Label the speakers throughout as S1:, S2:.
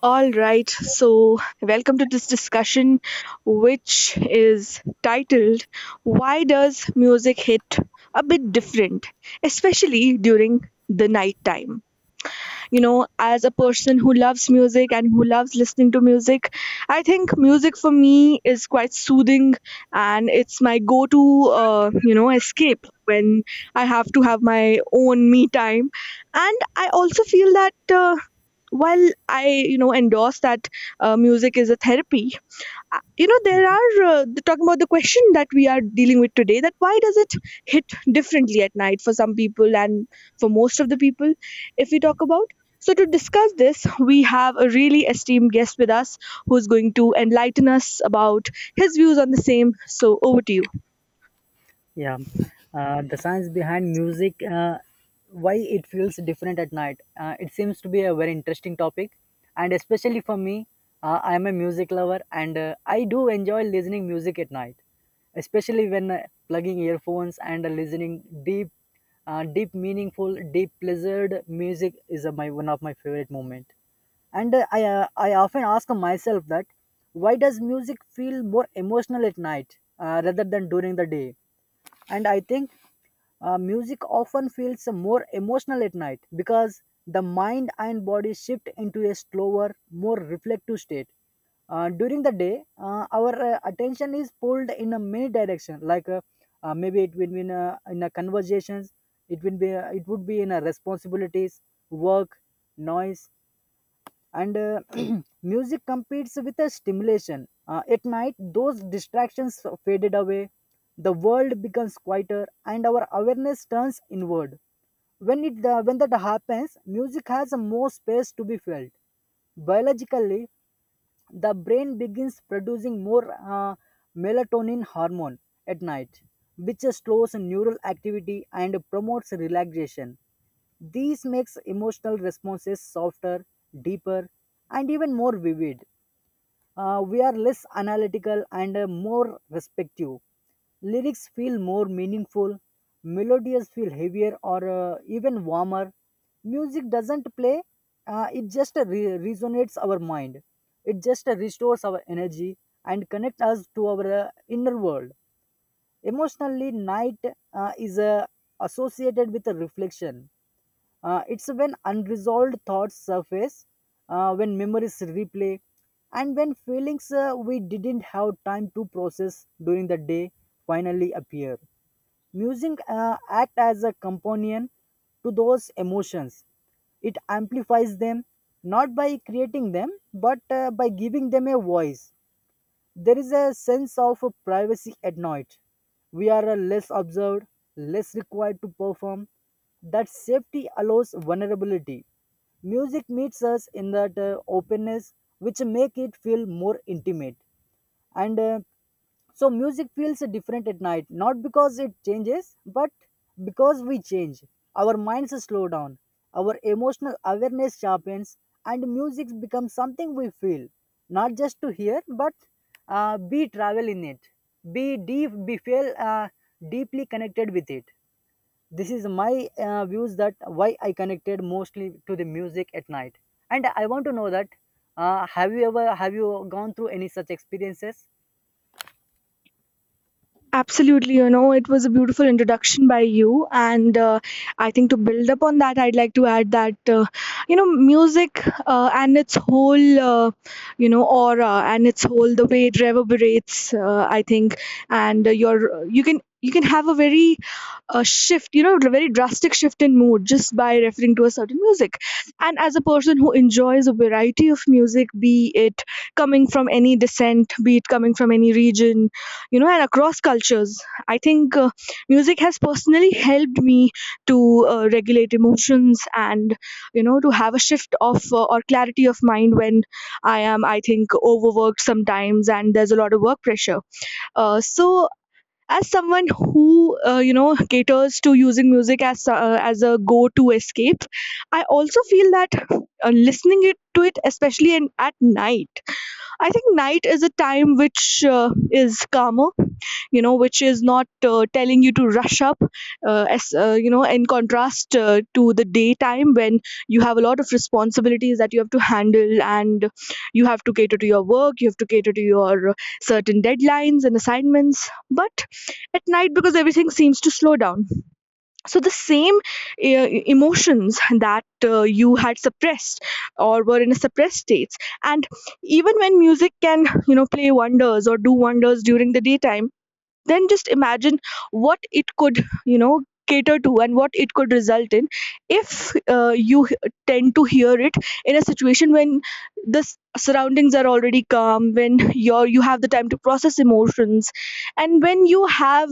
S1: All right, so welcome to this discussion, which is titled Why Does Music Hit a Bit Different, especially during the night time? You know, as a person who loves music and who loves listening to music, I think music for me is quite soothing, and it's my go to, escape when I have to have my own me time. And I also feel that. While I endorse that music is a therapy. There
S2: Mhm.
S1: are talking about the question that we are dealing with today, that why does it hit differently at night for some people and for most of the people, if we talk about. So to discuss this, we have a really esteemed guest with us who's going to enlighten us about his views on the same. So over to you.
S2: Yeah, the science behind music, why it feels different at night. It seems to be a very interesting topic, and especially for me, I am a music lover, and I do enjoy listening music at night, especially when plugging earphones and listening deep, deep, meaningful, deep, pleasured music is my one of my favorite moment. And I often ask myself that why does music feel more emotional at night rather than during the day? And I think music often feels more emotional at night because the mind and body shift into a slower more reflective state. During the day our attention is pulled in a many direction, like maybe it will be in in a conversations, it will be it would be in a responsibilities, work, noise, and music competes with the stimulation. At night those distractions faded away, the world becomes quieter, and our awareness turns inward. When that happens music has more space to be felt. Biologically, the brain begins producing more uh, melatonin hormone at night, which slows neural activity and promotes relaxation. These makes emotional responses softer, deeper, and even more vivid. We are less analytical and more respective. Lyrics feel more meaningful, melodies feel heavier or even warmer. Music doesn't play, it just resonates our mind. It just restores our energy and connects us to our inner world. Emotionally, night is associated with a reflection. It's when unresolved thoughts surface, when memories replay, and when feelings we didn't have time to process during the day finally appear. Music acts as a companion to those emotions. It amplifies them, not by creating them but by giving them a voice. There is a sense of privacy at night. We are less observed, less required to perform. That safety allows vulnerability. Music meets us in that openness, which make it feel more intimate, and so music feels different at night, not because it changes, but because we change. Our minds slow down, our emotional awareness sharpens, and music becomes something we feel, not just to hear, but be travel in it, be deep, be feel deeply connected with it. This is my views that why I connected mostly to the music at night. And I want to know that, have you ever, have you gone through any such experiences?
S1: Absolutely, you know, it was a beautiful introduction by you, and I think to build upon that, I'd like to add that you know, music and its whole you know, aura and its whole the way it reverberates. I think, and you can have a very a shift, you know, a very drastic shift in mood just by referring to a certain music. And as a person who enjoys a variety of music, be it coming from any descent, be it coming from any region, you know, and across cultures, I think music has personally helped me to regulate emotions and, you know, to have a shift of or clarity of mind when I am, I think, overworked sometimes, and there's a lot of work pressure. So as someone who you know, caters to using music as a go to escape, I also feel that listening it to it especially at night. I think night is a time which is calmer, you know, which is not telling you to rush up, as, you know, in contrast, to the daytime when you have a lot of responsibilities that you have to handle, and you have to cater to your work, you have to cater to your certain deadlines and assignments. But at night, because everything seems to slow down, the same emotions that you had suppressed or were in a suppressed states. And even when music can, you know, play wonders or do wonders during the daytime, then just imagine what it could you know, cater to, and what it could result in if tend to hear it in a situation when the s- surroundings are already calm, when you have the time to process emotions, and when you have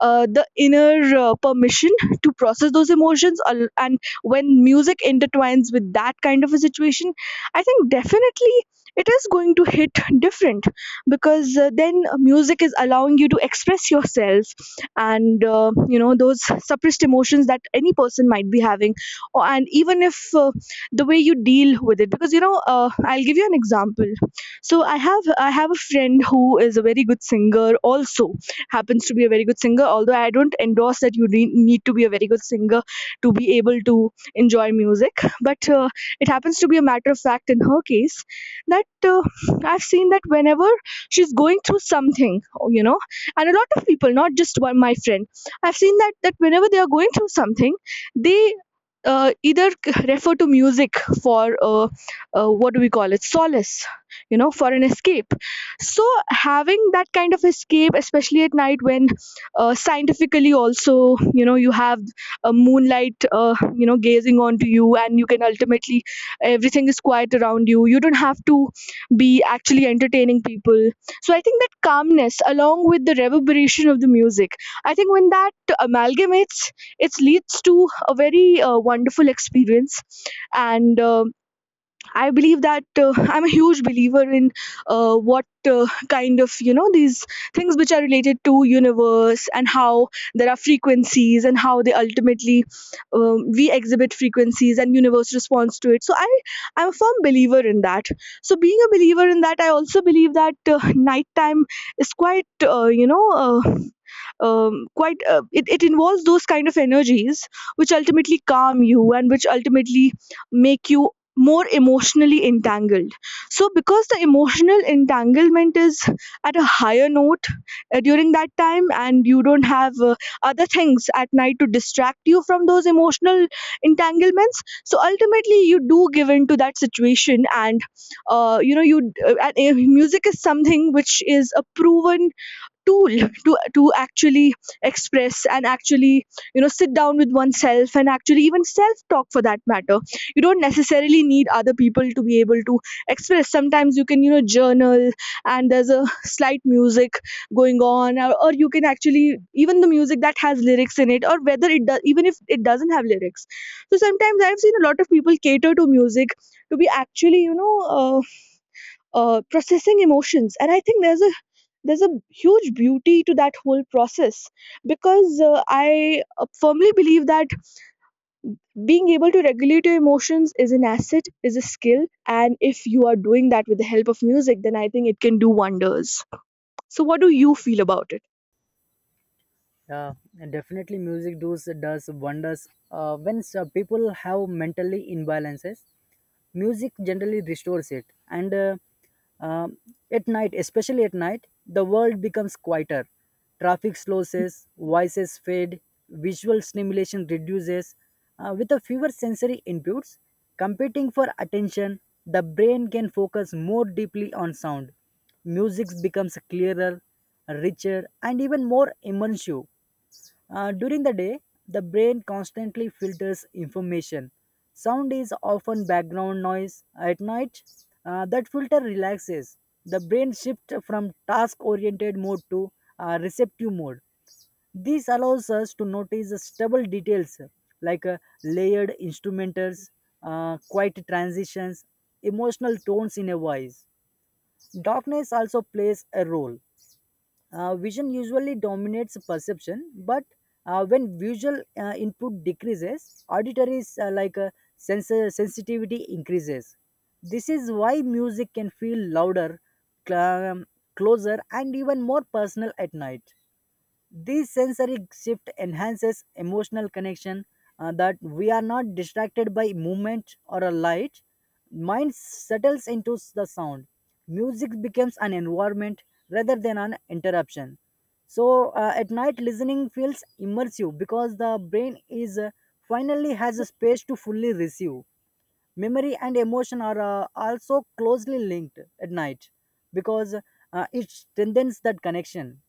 S1: the inner permission to process those emotions, and when music intertwines with that kind of a situation, I think definitely it is going to hit different. Because then music is allowing you to express yourself, and you know, those suppressed emotions that any person might be having and even if the way you deal with it. Because, you know, I'll give you an example. So I have a friend who is a very good singer, also happens to be a very good singer. Although I don't endorse that need to be a very good singer to be able to enjoy music, but it happens to be a matter of fact in her case that uh, i've seen that whenever she's going through something, you know. And a lot of people, not just one, my friend, I've seen that that whenever they are going through something, they refer to music for what do we call it, solace, you know, for an escape. So having that kind of escape especially at night, when scientifically also, you know, you have a moonlight you know, gazing onto you, and you can ultimately, everything is quiet around you, you don't have to be actually entertaining people. So I think that calmness, along with the reverberation of the music, I think when that amalgamates, it leads to a very wonderful experience. And I believe that I'm a huge believer in what kind of, you know, these things which are related to universe, and how there are frequencies and how they ultimately, we exhibit frequencies and universe responds to it. So I'm a firm believer in that. So being a believer in that, I also believe that nighttime is quite, quite, it involves those kind of energies which ultimately calm you and which ultimately make you more emotionally entangled. So, because the emotional entanglement is at a higher note during that time, and you don't have other things at night to distract you from those emotional entanglements, so ultimately you do give in to that situation. And you know, music is something which is a proven tool to actually express and actually, you know, sit down with oneself and actually even self talk for that matter. You don't necessarily need other people to be able to express. Sometimes you can, you know, journal, and there's a slight music going on. Or you can actually even the music that has lyrics in it, or whether it does, even if it doesn't have lyrics. So sometimes I've seen a lot of people cater to music to be actually, you know, uh, processing emotions. And I think there's a huge beauty to that whole process, because I firmly believe that being able to regulate your emotions is an asset, is a skill. And if you are doing that with the help of music, then I think it can do wonders. So what do you feel about it?
S2: Yeah, and definitely music does wonders. When people have mentally imbalances, music generally restores it. And um, at night, especially at night, the world becomes quieter. Traffic slows, voices fade, visual stimulation reduces. With a fewer sensory inputs competing for attention, the brain can focus more deeply on sound. Music becomes clearer, richer, and even more immersive. During the day, the brain constantly filters information. Sound is often background noise. At night, that filter relaxes. The brain shifts from task oriented mode to receptive mode. This allows us to notice stable details, like layered instrumentals, quiet transitions, emotional tones in a voice. Darkness also plays a role. Vision usually dominates perception, but when visual input decreases, auditory sensor sensitivity increases. This is why music can feel louder, cl- um, closer, and even more personal at night. This sensory shift enhances emotional connection, that we are not distracted by movement or a light. Mind settles into the sound. Music becomes an environment rather than an interruption. So at night, listening feels immersive because the brain is finally has a space to fully receive. Memory and emotion are also closely linked at night because it strengthens that connection.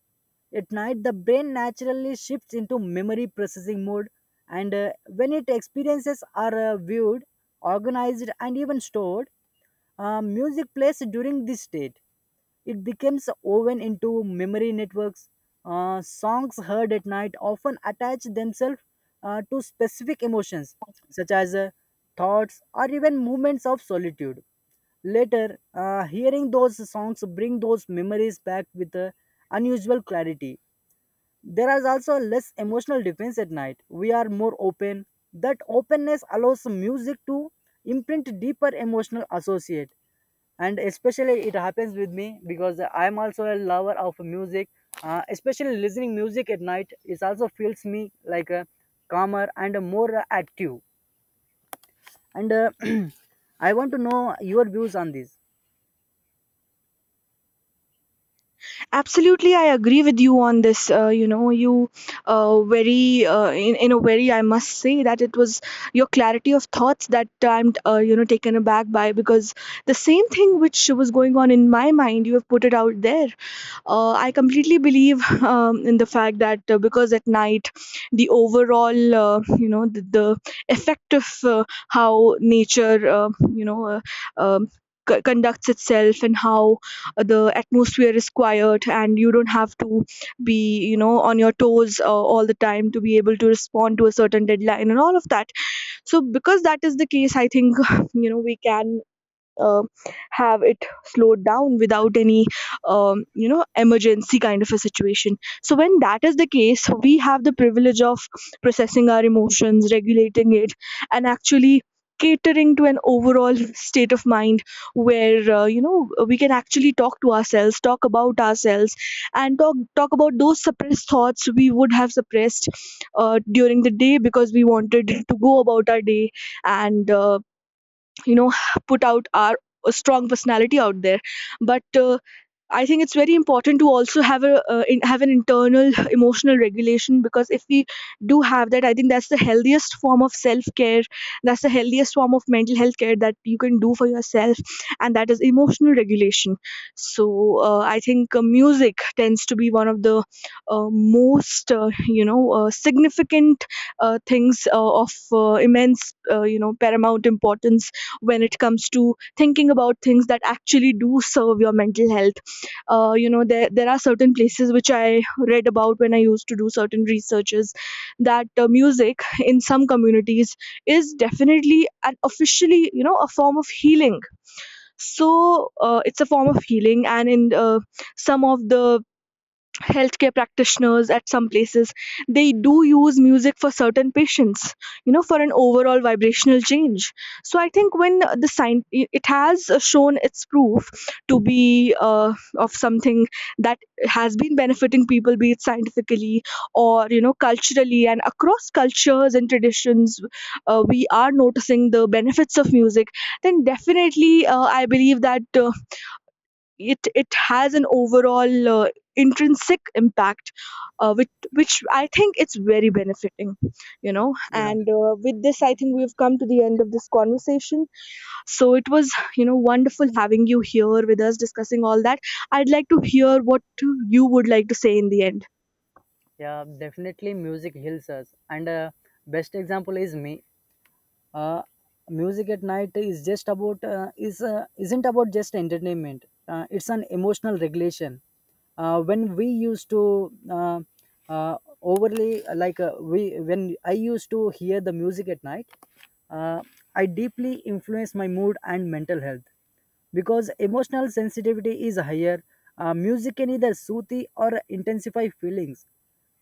S2: At night, the brain naturally shifts into memory processing mode, and when it experiences are viewed, organized, and even stored, music plays during this state. It becomes woven into memory networks. Songs heard at night often attach themselves to specific emotions, such as thoughts or even moments of solitude. Later, hearing those songs bring those memories back with unusual clarity. There is also less emotional defense at night. We are more open. That openness allows music to imprint deeper emotional associate. And especially it happens with me because I am also a lover of music. Especially listening music at night is also feels me like a calmer and a more active. And I want to know your views on this.
S1: Absolutely, I agree with you on this. You know, in a very, I must say that it was your clarity of thoughts that I'm, you know, taken aback by. Because the same thing which was going on in my mind, you have put it out there. I completely believe in the fact that because at night the overall you know, the effect of how nature, um, conducts itself, and how the atmosphere is quiet, and you don't have to be, you know, on your toes, all the time to be able to respond to a certain deadline and all of that. So because that is the case, I think you know, we can uh, have it slowed down without any, you know, emergency kind of a situation. So when that is the case, we have the privilege of processing our emotions, regulating it, and actually catering to an overall state of mind where, you know, we can actually talk to ourselves, talk about ourselves, and talk about those suppressed thoughts we would have suppressed during the day, because we wanted to go about our day. And you know, put out our strong personality out there. But I think it's very important to also have a have an internal emotional regulation. Because if we do have that, I think that's the healthiest form of self care. That's the healthiest form of mental health care that you can do for yourself, and that is emotional regulation. So I think music tends to be one of the most significant things of immense, you know, paramount importance when it comes to thinking about things that actually do serve your mental health. You know, there are certain places which I read about when I used to do certain researches, that music in some communities is definitely and officially, you know, a form of healing. So it's a form of healing. And in some of the healthcare practitioners at some places, they do use music for certain patients, you know, for an overall vibrational change. So I think when the sign, it has shown its proof to be of something that has been benefiting people, be it scientifically or, you know, culturally, and across cultures and traditions, we are noticing the benefits of music, then definitely, I believe that it has an overall intrinsic impact, which I think it's very benefiting, you know.
S2: Yeah.
S1: And with this, I think we've come to the end of this conversation. So it was, you know, wonderful having you here with us discussing all that. I'd like to hear what you would like to say in the end.
S2: Yeah, definitely music heals us. And best example is me. uh, music at night is just about is isn't about just entertainment, it's an emotional regulation. Uh, when we used to overly like we when I used to hear the music at night, uh, I deeply influenced my mood and mental health because emotional sensitivity is higher. Music can either soothe or intensify feelings.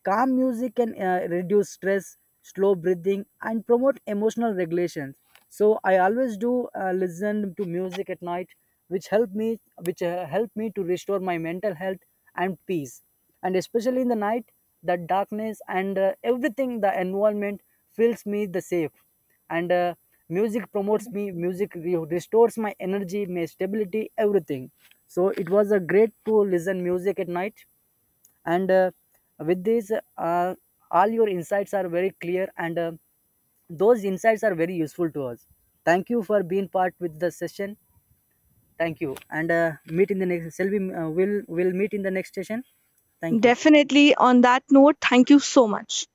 S2: Calm music can reduce stress, slow breathing, and promote emotional regulations. So I always do listen to music at night, which help me to restore my mental health and peace. And especially in the night, the darkness and everything, the environment fills me the safe, and music promotes me, music restores my energy, my stability, everything. So it was a great to listen music at night, and with this, uh, all your insights are very clear, and those insights are very useful to us. Thank you for being part with the session. Thank you, and meet in the next, shall we, will meet in the next session. Thank you.
S1: Definitely, on that note, thank you so much.